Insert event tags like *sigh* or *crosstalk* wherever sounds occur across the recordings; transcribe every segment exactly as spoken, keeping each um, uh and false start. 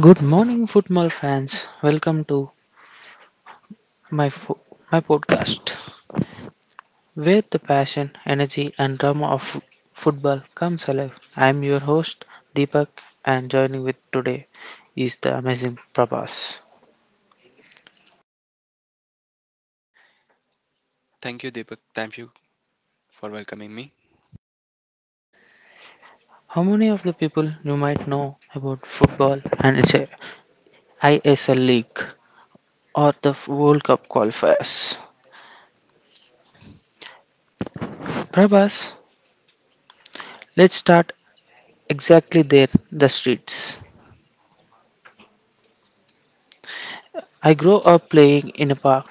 Good morning, football fans. Welcome to my fo- my podcast, where the passion, energy, and drama of f- football comes alive. I'm your host Deepak, and joining with today is the amazing Prabhas. Thank you, Deepak. Thank you for welcoming me. How many of the people you might know about football and its uh, I S L league or the f- World Cup qualifiers? Prabhas, let's start exactly there, the streets. I grew up playing in a park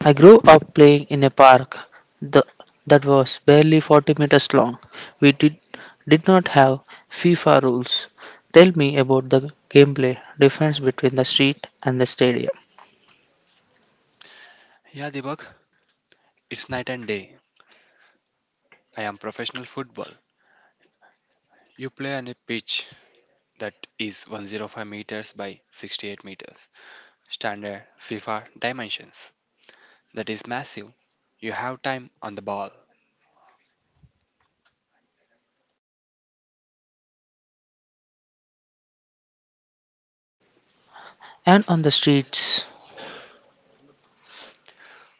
I grew up playing in a park the, that was barely forty meters long. We did, did not have FIFA rules. Tell me about the gameplay difference between the street and the stadium. Yeah, Deepak, it's night and day. I am professional football. You play on a pitch that is one hundred five meters by sixty-eight meters. Standard FIFA dimensions. That is massive. You have time on the ball. And on the streets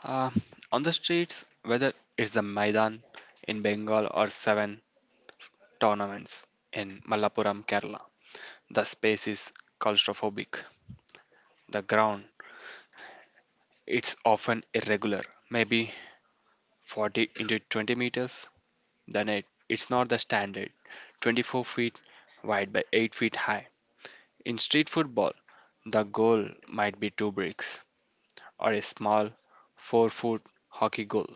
Uh, on the streets, whether it's the Maidan in Bengal or seven tournaments in Malappuram, Kerala, the space is claustrophobic. The ground, it's often irregular, maybe forty into twenty meters, then it, it's not the standard twenty-four feet wide by eight feet high. In street football, the goal might be two bricks or a small four foot hockey goal.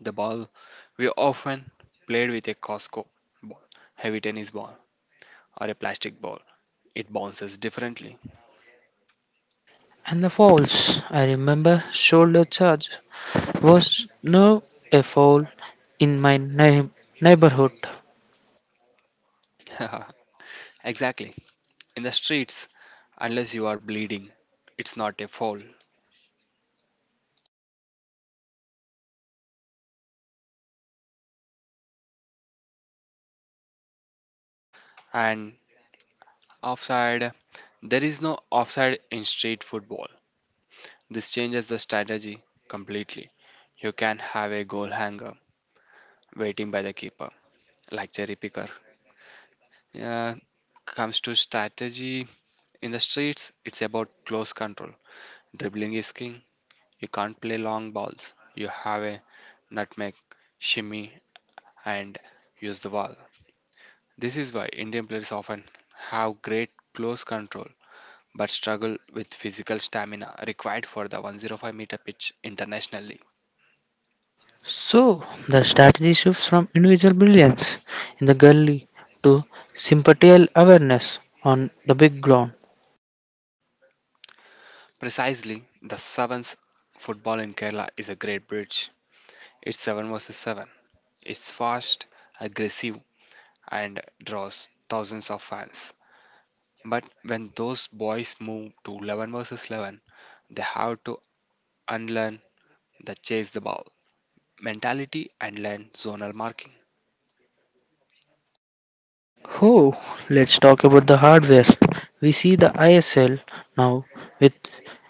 The ball we often played with a Costco ball, heavy tennis ball, or a plastic ball. It bounces differently. and the falls, I remember shoulder charge was no a foul in my neigh- neighborhood. *laughs* Exactly. In the streets, unless you are bleeding, it's not a foul. And offside. There is no offside in street football. This changes the strategy completely. You can have a goal hanger waiting by the keeper, like cherry picker. Yeah. Comes to strategy in the streets, it's about close control. Dribbling is king. You can't play long balls. You have a nutmeg, shimmy, and use the ball. This is why Indian players often have great close control but struggle with physical stamina required for the one hundred five meter pitch internationally. So the strategy shifts from individual brilliance in the gully to sympathetic awareness on the big ground. Precisely, the sevens football in Kerala is a great bridge. It's seven versus seven. It's fast, aggressive, and draws thousands of fans. But when those boys move to eleven versus eleven, they have to unlearn the chase the ball mentality and learn zonal marking. Oh, let's talk about the hardware. We see the I S L now with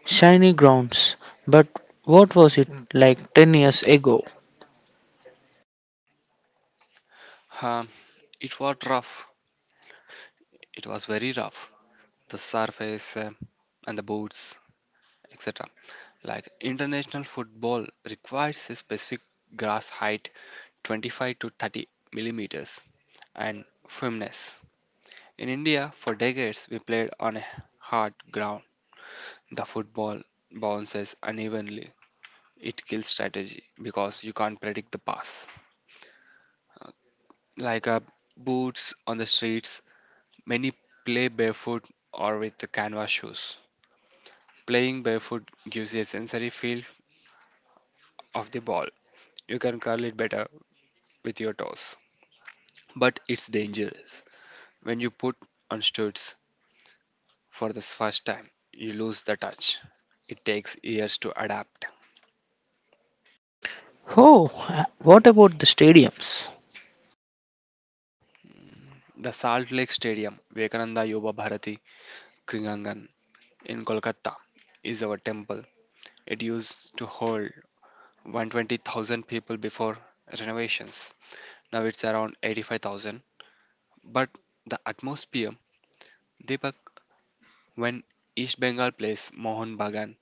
shiny grounds, but what was it like ten years ago? Um, it was rough. It was very rough. The surface, uh, and the boots, et cetera. Like international football requires a specific grass height, twenty-five to thirty millimeters, and firmness. In India, for decades, we played on a hard ground. The football bounces unevenly. It kills strategy because you can't predict the pass. Like uh, boots on the streets, many play barefoot or with the canvas shoes. Playing barefoot gives you a sensory feel of the ball. You can curl it better with your toes. But it's dangerous. When you put on stilts for the first time, you lose the touch. It takes years to adapt. Oh, what about the stadiums? The Salt Lake Stadium, Vivekananda Yoga Bharati Kringangan in Kolkata, is our temple. It used to hold one hundred twenty thousand people before renovations. Now it's around eighty-five thousand. But the atmosphere, Deepak, when East Bengal plays Mohun Bagan,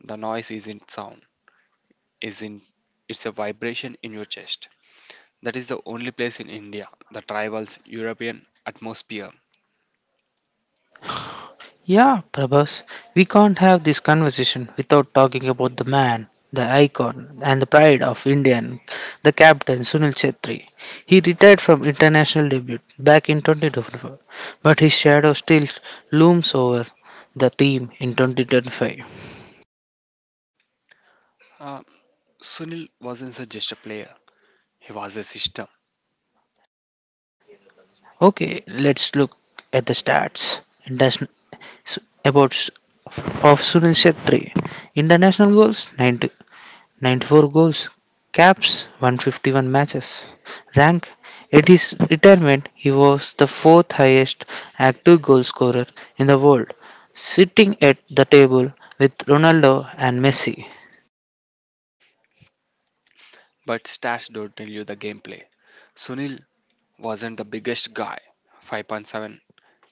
the noise isn't sound, isn't, it's a vibration in your chest. That is the only place in India the tribal's European atmosphere. Yeah, Prabhas, we can't have this conversation without talking about the man, the icon, and the pride of Indian, the captain Sunil Chetri. He retired from international debut back in twenty twenty-four, but his shadow still looms over the team in twenty twenty-five. Uh, Sunil wasn't just a player; he was a system. Okay, let's look at the stats. That's about s- of Sunil Shetty. International goals ninety, ninety-four goals, caps one fifty-one matches. Rank at his retirement, he was the fourth highest active goal scorer in the world, sitting at the table with Ronaldo and Messi. But stats don't tell you the gameplay. Sunil wasn't the biggest guy, five point seven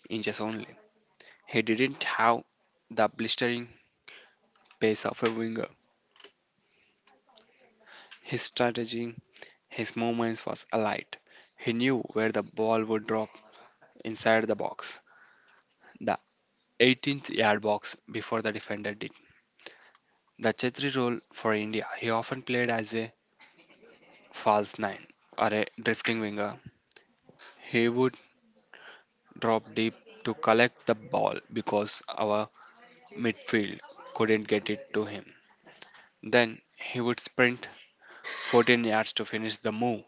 inches only. He didn't have the blistering pace of a winger. His strategy, his movements was alight. He knew where the ball would drop inside the box. The eighteenth yard box before the defender did. The Chetri role for India, he often played as a false nine or a drifting winger. He would drop deep to collect the ball because our midfield couldn't get it to him. Then he would sprint fourteen yards to finish the move.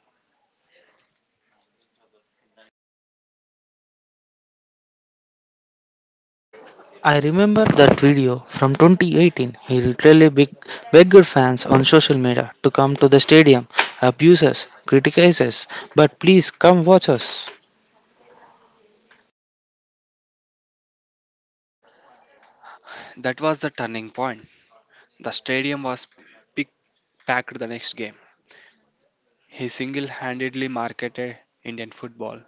I remember that video from twenty eighteen. He literally beg- begged fans on social media to come to the stadium, abuse us, criticize us, but please come watch us. That was the turning point. The stadium was pick- packed the next game. He single handedly marketed Indian football.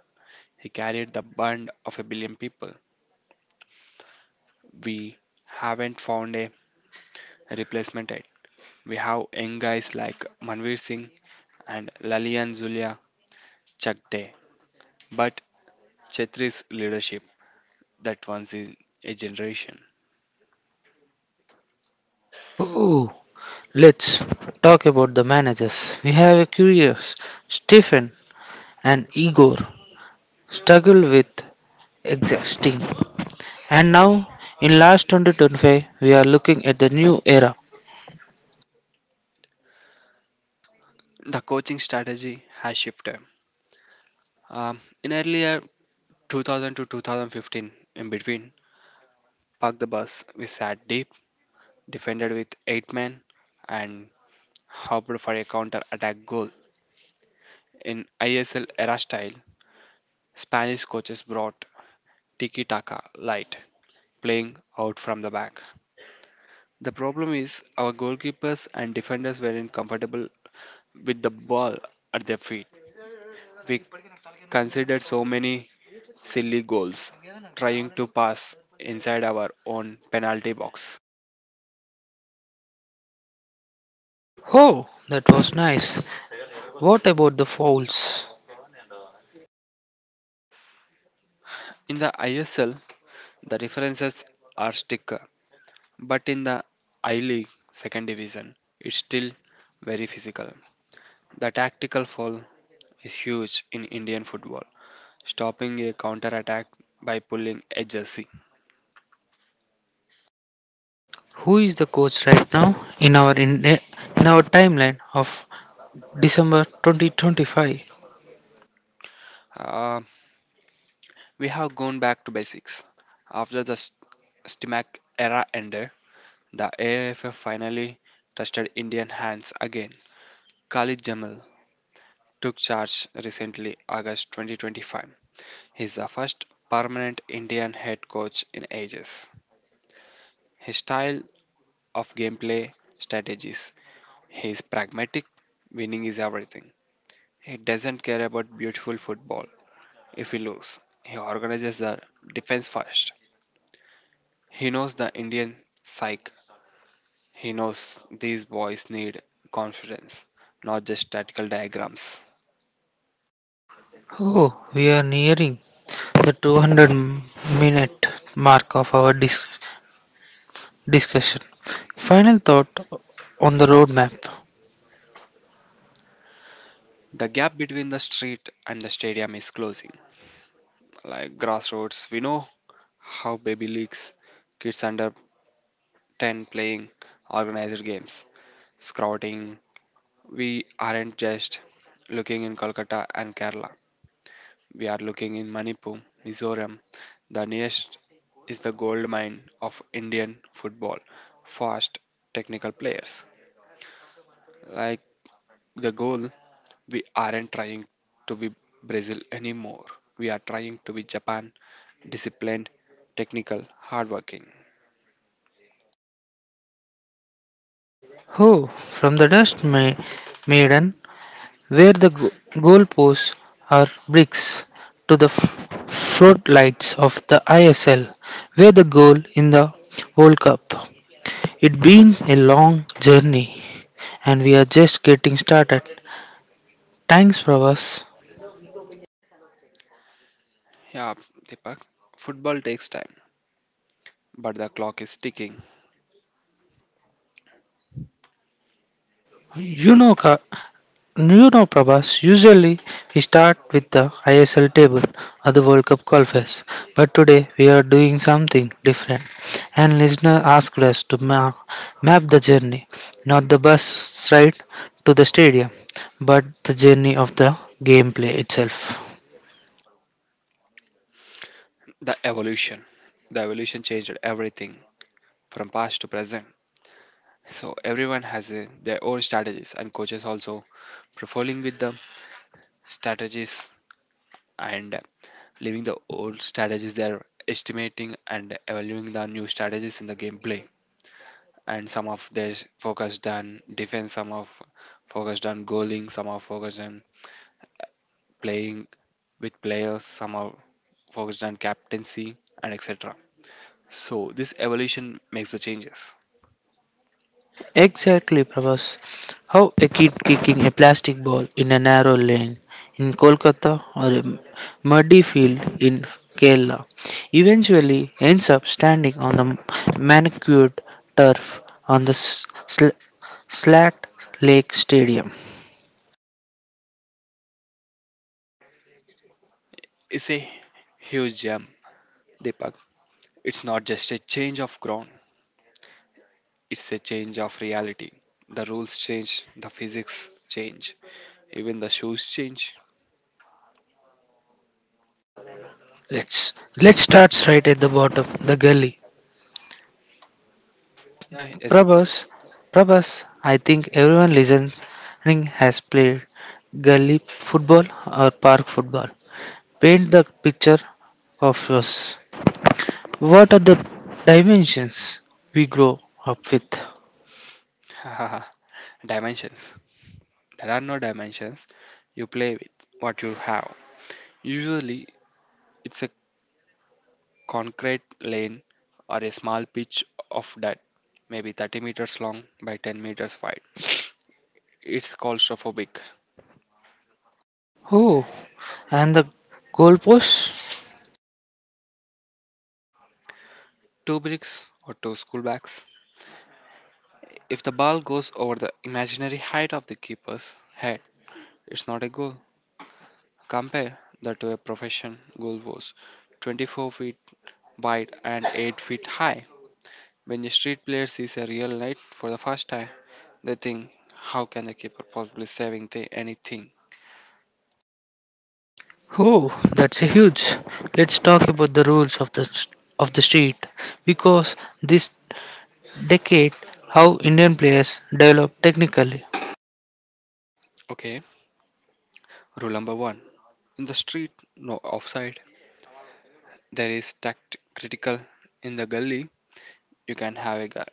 He carried the band of a billion people. We haven't found a replacement yet. We have young guys like Manveer Singh and Lalian Zulia Chakde, but Chetri's leadership that once in a generation. Ooh, let's talk about the managers. We have a curious Stephen and Igor struggle with exact team. And now in last twenty twenty-five we are looking at the new era. The coaching strategy has shifted. Um, in earlier two thousand to two thousand fifteen, in between, park the bus. We sat deep, defended with eight men, and hoped for a counter attack goal. In I S L era style, Spanish coaches brought tiki taka light, playing out from the back. The problem is our goalkeepers and defenders weren't comfortable with the ball at their feet. We conceded so many silly goals trying to pass inside our own penalty box. Oh, that was nice. What about the fouls? In the I S L, the references are sticker, but in the I League second division, it's still very physical. The tactical foul is huge in Indian football, stopping a counter attack by pulling a jersey. Who is the coach right now in our in, in our timeline of December twenty twenty-five? Uh, we have gone back to basics. After the S- Stimac era ended, the A F F finally trusted Indian hands again. Khalid Jamal took charge recently, August twenty twenty-five. He's the first permanent Indian head coach in ages. His style of gameplay strategies. He is pragmatic, winning is everything. He doesn't care about beautiful football. If we lose, he organizes the defense first. He knows the Indian psyche. He knows these boys need confidence, not just tactical diagrams. Oh, we are nearing the two hundred minute mark of our dis- discussion. Final thought on the roadmap. The gap between the street and the stadium is closing. Like grassroots, we know how baby leagues, kids under ten playing organized games, scouting, we aren't just looking in Kolkata and Kerala. We are looking in Manipur, Mizoram. The nearest is the gold mine of Indian football. Fast technical players. Like the goal, we aren't trying to be Brazil anymore. We are trying to be Japan, disciplined, technical, hardworking. Oh, from the dust ma- maiden, where the go- goalposts are bricks, to the f- floodlights of the I S L, where the goal in the World Cup. It's been a long journey, and we are just getting started. Thanks, Pravas. Yeah, Deepak, football takes time, but the clock is ticking. You know, Ka- You know, Prabhas, usually we start with the I S L table or the World Cup qualifiers, but today we are doing something different. And listener asked us to ma- map the journey, not the bus ride to the stadium, but the journey of the gameplay itself. The evolution. The evolution changed everything. From past to present. So everyone has a, their own strategies, and coaches also profiling with the strategies and leaving the old strategies. They are estimating and evaluating the new strategies in the gameplay. And some of their focused on defense, some of focused on goaling, some are focused on playing with players, some are focused on captaincy, and et cetera. So this evolution makes the changes. Exactly, Prabhas. How a kid kicking a plastic ball in a narrow lane in Kolkata or a muddy field in Kerala eventually ends up standing on the manicured turf on the s- sl- Slat Lake Stadium. It's a huge gem, Deepak. It's not just a change of ground, it's a change of reality. The rules change, the physics change, even the shoes change. Let's let's start right at the bottom, the gully. Yeah, it's the Prabhas, Prabhas. I think everyone listening has played gully football or park football. Paint the picture of us. What are the dimensions we grow up with? *laughs* dimensions. There are no dimensions. You play with what you have. Usually, it's a concrete lane or a small pitch of dirt, maybe thirty meters long by ten meters wide. It's claustrophobic. Oh, and the goalposts? Two bricks or two school bags. If the ball goes over the imaginary height of the keeper's head, it's not a goal. Compare that to a profession. Goal was twenty-four feet wide and eight feet high. When a street player sees a real light for the first time, they think, how can the keeper possibly saving the anything? Oh, that's a huge. Let's talk about the rules of the of the street because this decade how Indian players develop technically. Okay, rule number one. In the street, no offside. There is tact critical. In the gully, you can have a guy.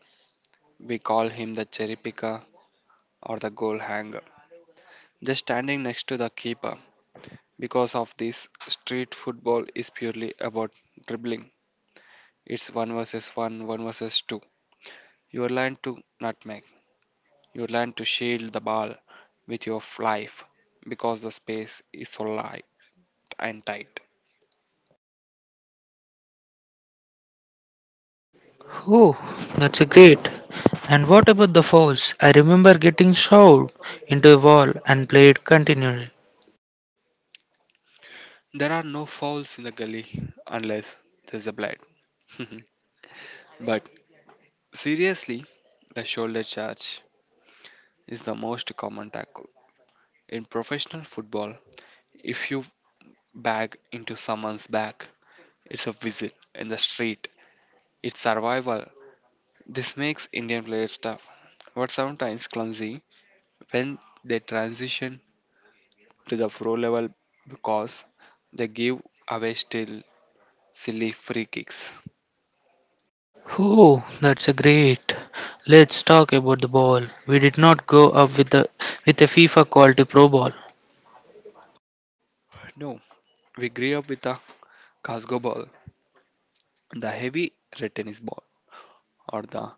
We call him the cherry picker or the goal hanger. Just standing next to the keeper. Because of this, street football is purely about dribbling. It's one versus one, one versus two. You learn to nutmeg. You learn to shield the ball with your life because the space is so light and tight. Oh, that's a great. And what about the fouls? I remember getting shoved into a wall and played continually. There are no fouls in the gully unless there's a blood. *laughs* But seriously, the shoulder charge is the most common tackle. In professional football, if you bag into someone's back, it's a whistle in the street. It's survival. This makes Indian players tough, but sometimes clumsy when they transition to the pro level because they give away still silly free kicks. Oh, that's a great. Let's talk about the ball. We did not grow up with a with a FIFA quality pro ball. No, we grew up with the Casco ball, the heavy red tennis ball, or the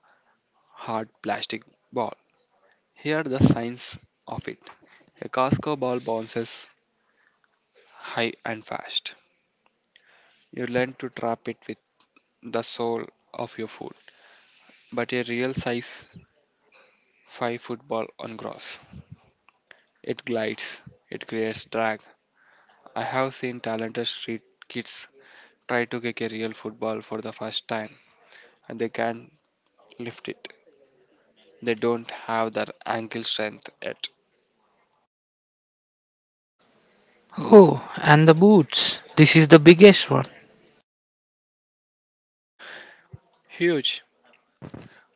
hard plastic ball. Here are the signs of it. A Casco ball bounces high and fast. You learn to trap it with the sole of your foot, but a real size five football on grass. It glides, it creates drag. I have seen talented street kids try to kick a real football for the first time and they can't lift it. They don't have that ankle strength yet. Oh, and the boots. This is the biggest one. Huge.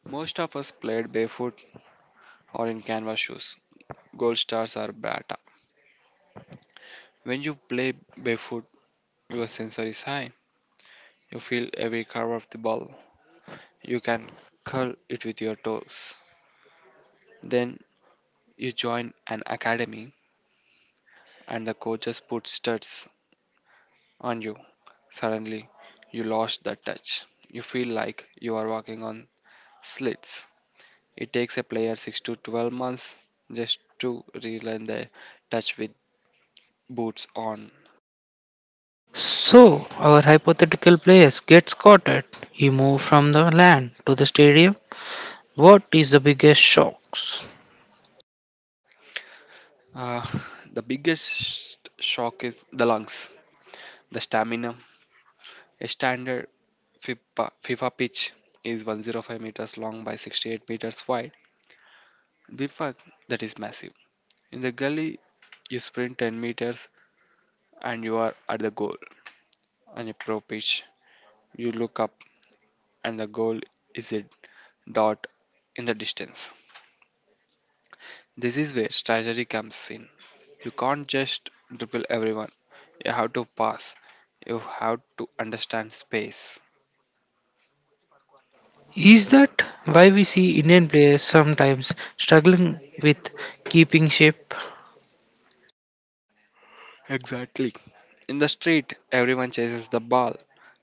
Most of us played barefoot or in canvas shoes. Gold stars are bata. When you play barefoot, your sensor is high. You feel every curve of the ball. You can curl it with your toes. Then you join an academy and the coaches put studs on you. Suddenly, you lost that touch. You feel like you are walking on slits. It takes a player six to twelve months just to relearn the touch with boots on. So our hypothetical players gets caught at. He moved from the land to the stadium. What is the biggest shocks? Uh, *sighs* the biggest shock is the lungs, the stamina. A standard FIFA, FIFA pitch is one hundred five meters long by sixty-eight meters wide. The fuck, that is massive. In the gully, you sprint ten meters and you are at the goal on a pro pitch. You look up and the goal is a dot in the distance. This is where strategy comes in. You can't just dribble everyone. You have to pass. You have to understand space. Is that why we see Indian players sometimes struggling with keeping shape? Exactly. In the street, everyone chases the ball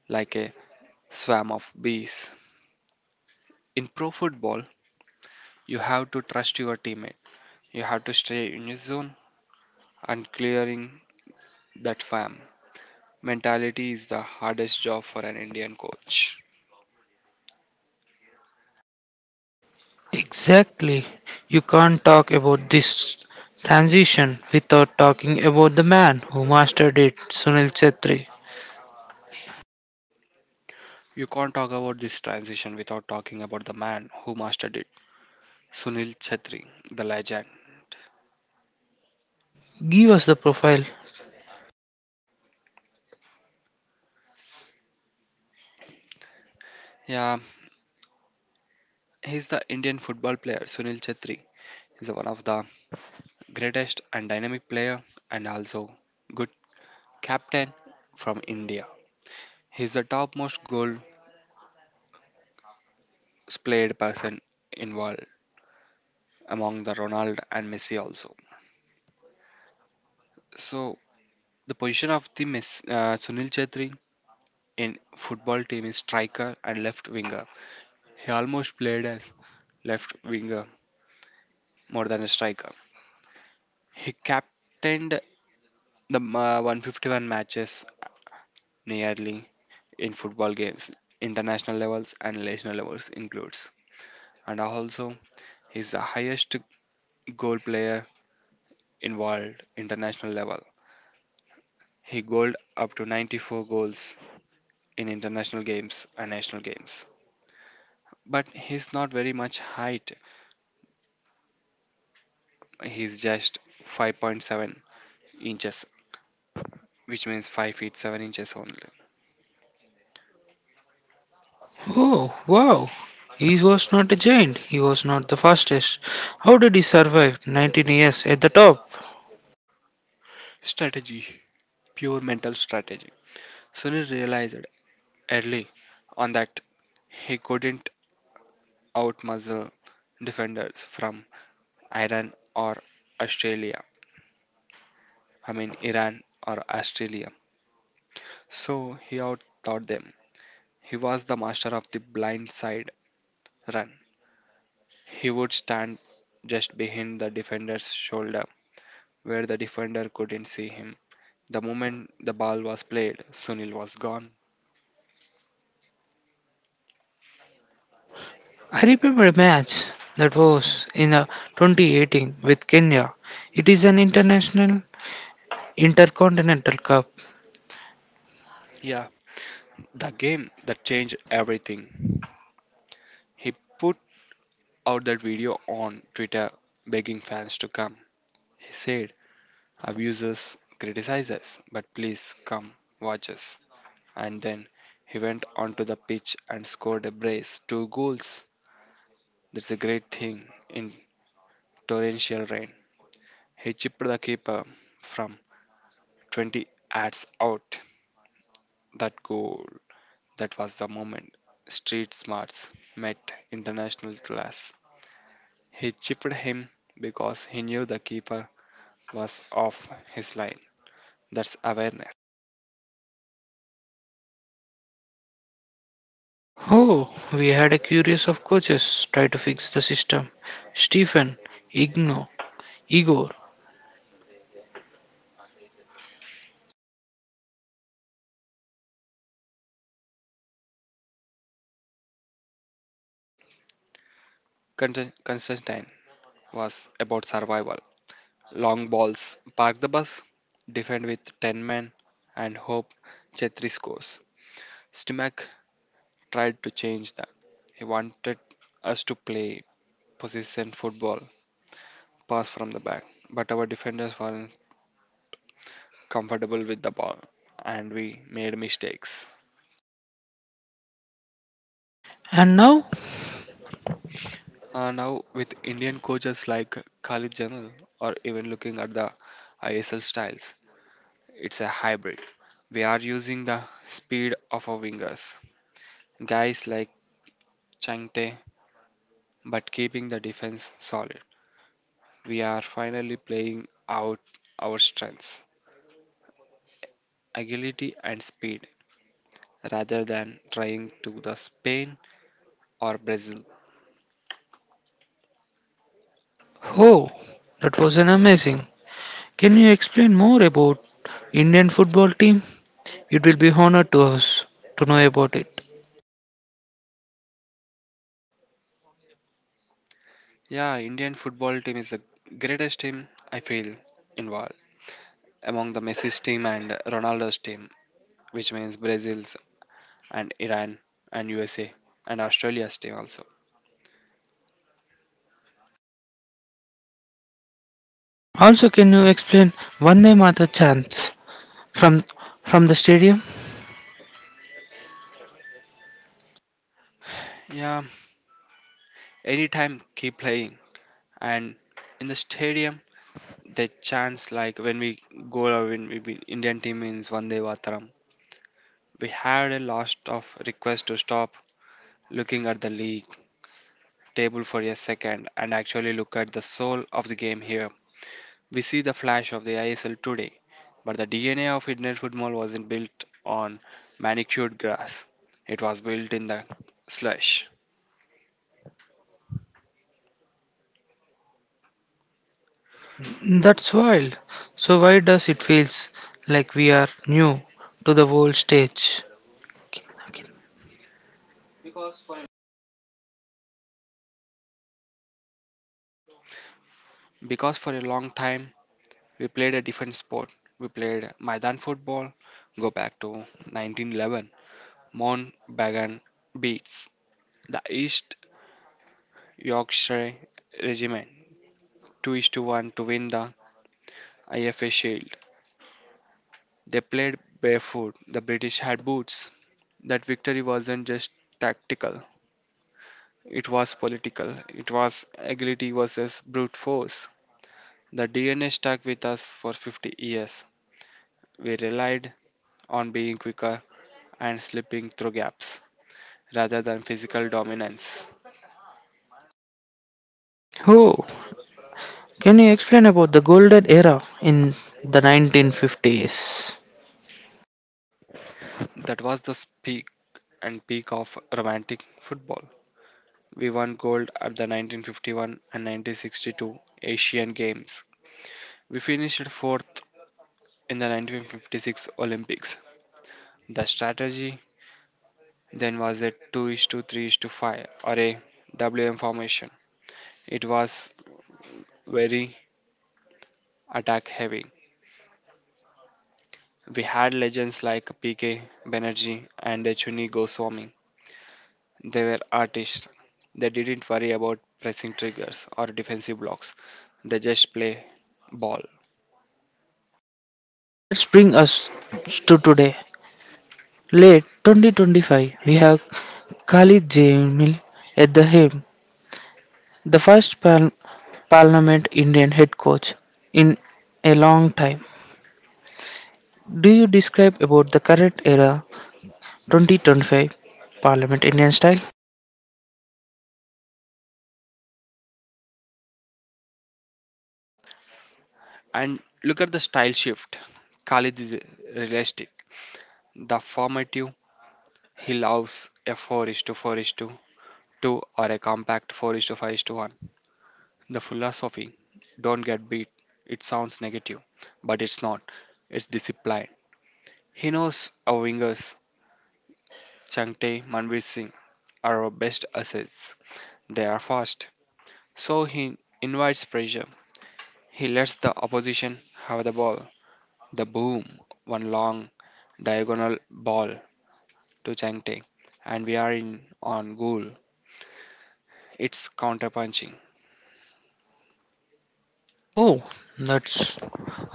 like a swarm of bees. In pro football, you have to trust your teammate. You have to stay in your zone and clearing that farm. Mentality is the hardest job for an Indian coach. Exactly. You can't talk about this transition without talking about the man who mastered it, Sunil Chetri. You can't talk about this transition without talking about the man who mastered it, Sunil Chhetri, the legend. Give us the profile. Yeah, he's the Indian football player Sunil Chhetri. He's one of the greatest and dynamic player and also good captain from India. He's the topmost goals played person in world among the Ronald and Messi also. So the position of the Messi, uh, Sunil Chhetri in football team is striker and left winger. He almost played as left winger more than a striker. He captained the uh, one hundred fifty-one matches nearly in football games, international levels and national levels includes. And also, he's the highest goal player involved international level. He goaled up to ninety-four goals in international games and national games. But he's not very much height. He's just five point seven inches, which means five feet seven inches only. Oh, wow. He was not a giant. He was not the fastest. How did he survive nineteen years at the top? Strategy, pure mental strategy. Sunil realized early on that he couldn't outmuscle defenders from Iran or Australia. I mean, Iran or Australia. So he outthought them. He was the master of the blind side run. He would stand just behind the defender's shoulder where the defender couldn't see him. The moment the ball was played, Sunil was gone. I remember a match that was in uh, twenty eighteen with Kenya. It is an international intercontinental cup. Yeah, the game that changed everything. He put out that video on Twitter begging fans to come. He said, "Abusers criticize us, but please come watch us." And then he went onto the pitch and scored a brace, two goals. That's a great thing in torrential rain. He chipped the keeper from twenty yards out. That goal, that was the moment street smarts met international class. He chipped him because he knew the keeper was off his line. That's awareness. Oh, we had a curious of coaches try to fix the system. Stephen, Igno, Igor. Const- Constantine was about survival. Long balls, park the bus, defend with ten men, and hope Chetri scores. Stimac tried to change that. He wanted us to play possession football, pass from the back, but our defenders were comfortable with the ball and we made mistakes. And now? Uh, now, with Indian coaches like Khalid Jamal or even looking at the I S L styles, it's a hybrid. We are using the speed of our wingers, guys like Changte, but keeping the defense solid. We are finally playing out our strengths, agility, and speed rather than trying to the Spain or Brazil. Oh, that was an amazing. Can you explain more about Indian football team? It will be honor to us to know about it. Yeah, Indian football team is the greatest team I feel involved among the Messi's team and Ronaldo's team, which means Brazil's and Iran and U S A and Australia's team also. Also, can you explain Vande Mata chants from from the stadium? Yeah, anytime keep playing and in the stadium they chants like when we goal or when we win- Indian team wins Vande Vataram. We had a lot of requests to stop looking at the league table for a second and actually look at the soul of the game here. We see the flash of the I S L today, but the D N A of Indian football wasn't built on manicured grass. It was built in the slush. That's wild. So why does it feels like we are new to the whole stage? Okay, okay. Because for a long time, we played a different sport. We played Maidan football, go back to nineteen eleven, Mount Bagan beats the East Yorkshire Regiment two is to one to win the I F A Shield. They played barefoot, the British had boots. That victory wasn't just tactical, it was political. It was agility versus brute force. The D N A stuck with us for fifty years. We relied on being quicker and slipping through gaps rather than physical dominance. Oh, can you explain about the golden era in the nineteen fifties? That was the peak and peak of romantic football. We won gold at the nineteen fifty-one and nineteen sixty-two Asian Games. We finished fourth in the nineteen fifty-six Olympics. The strategy then was a two is to three is to five or a W M formation. It was very attack heavy. We had legends like P K Banerjee and Chuni Goswami. They were artists. They didn't worry about pressing triggers or defensive blocks. They just play ball. That's bring us to today. Late twenty twenty-five, we have Khalid Jamil at the helm, the first par- Parliament Indian head coach in a long time. Do you describe about the current era twenty twenty-five Parliament Indian style? And look at the style shift. Khalid is realistic. The formative, he loves a four is to four is to two or a compact four is to five is to one. The philosophy, don't get beat, it sounds negative, but it's not. It's discipline. He knows our wingers, Changte, Manvir Singh, are our best assets. They are fast. So he invites pressure. He lets the opposition have the ball. The boom, one long diagonal ball to Changte, and we are in on goal. It's counter-punching. Oh, that's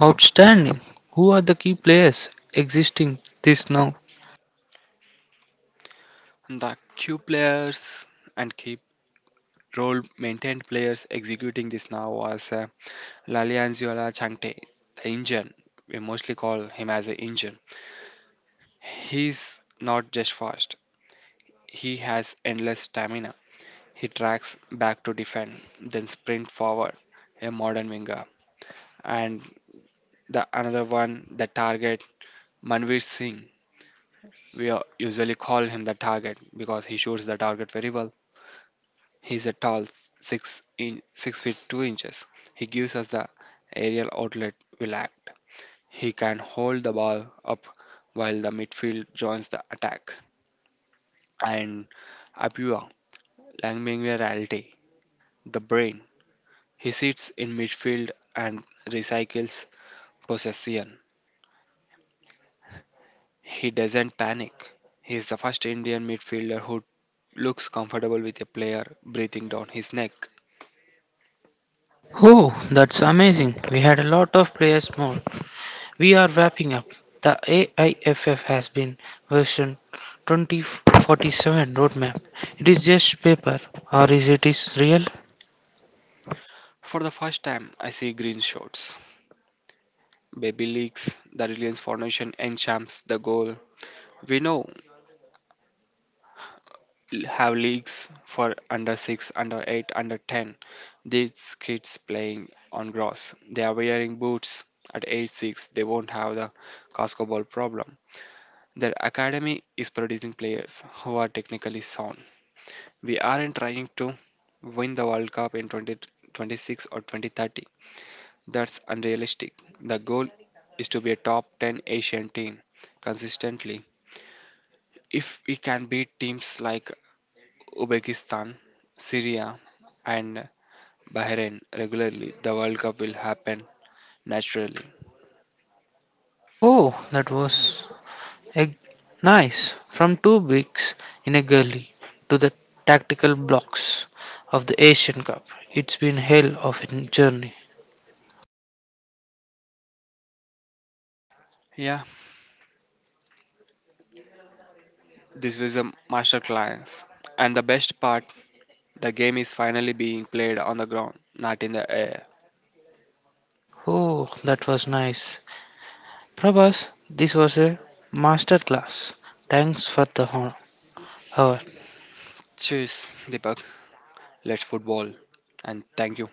outstanding. Who are the key players existing this now? The Q players and keep role maintained players executing this now as a Lalianzuela Changte, the Indian, we mostly call him as an Indian. He's not just fast, he has endless stamina. He tracks back to defend, then sprint forward, a modern winger. And the another one, the target, Manveer Singh. We uh, usually call him the target because he shoots the target very well. He's a tall six in six feet two inches. He gives us the aerial outlet we lacked. He can hold the ball up while the midfield joins the attack. And Apua Langmingwe Reality, the brain. He sits in midfield and recycles possession. He doesn't panic. He is the first Indian midfielder who looks comfortable with a player breathing down his neck. Oh, that's amazing. We had a lot of players more. We are wrapping up. The A I F F has been version twenty forty-seven roadmap. It is just paper, or is it is real? For the first time, I see green shorts. Baby leaks, the Reliance Foundation enchants the goal. We know l- have leagues for under six, under eight, under ten. These kids playing on grass, they are wearing boots. At age six, they won't have the casco ball problem. Their academy is producing players who are technically sound. We aren't trying to win the world cup in twenty twenty-six or twenty thirty. That's unrealistic. The goal is to be a top ten Asian team consistently. If we can beat teams like Uzbekistan, Syria, and Bahrain regularly, the World Cup will happen naturally. Oh, that was a nice. From two bricks in a gully to the tactical blocks of the Asian Cup. It's been hell of a journey. Yeah, this was a masterclass. And the best part, the game is finally being played on the ground, not in the air. Oh, that was nice. Prabhas, this was a master class. Thanks for the honor. Her Cheers, Deepak. Let's football. And thank you.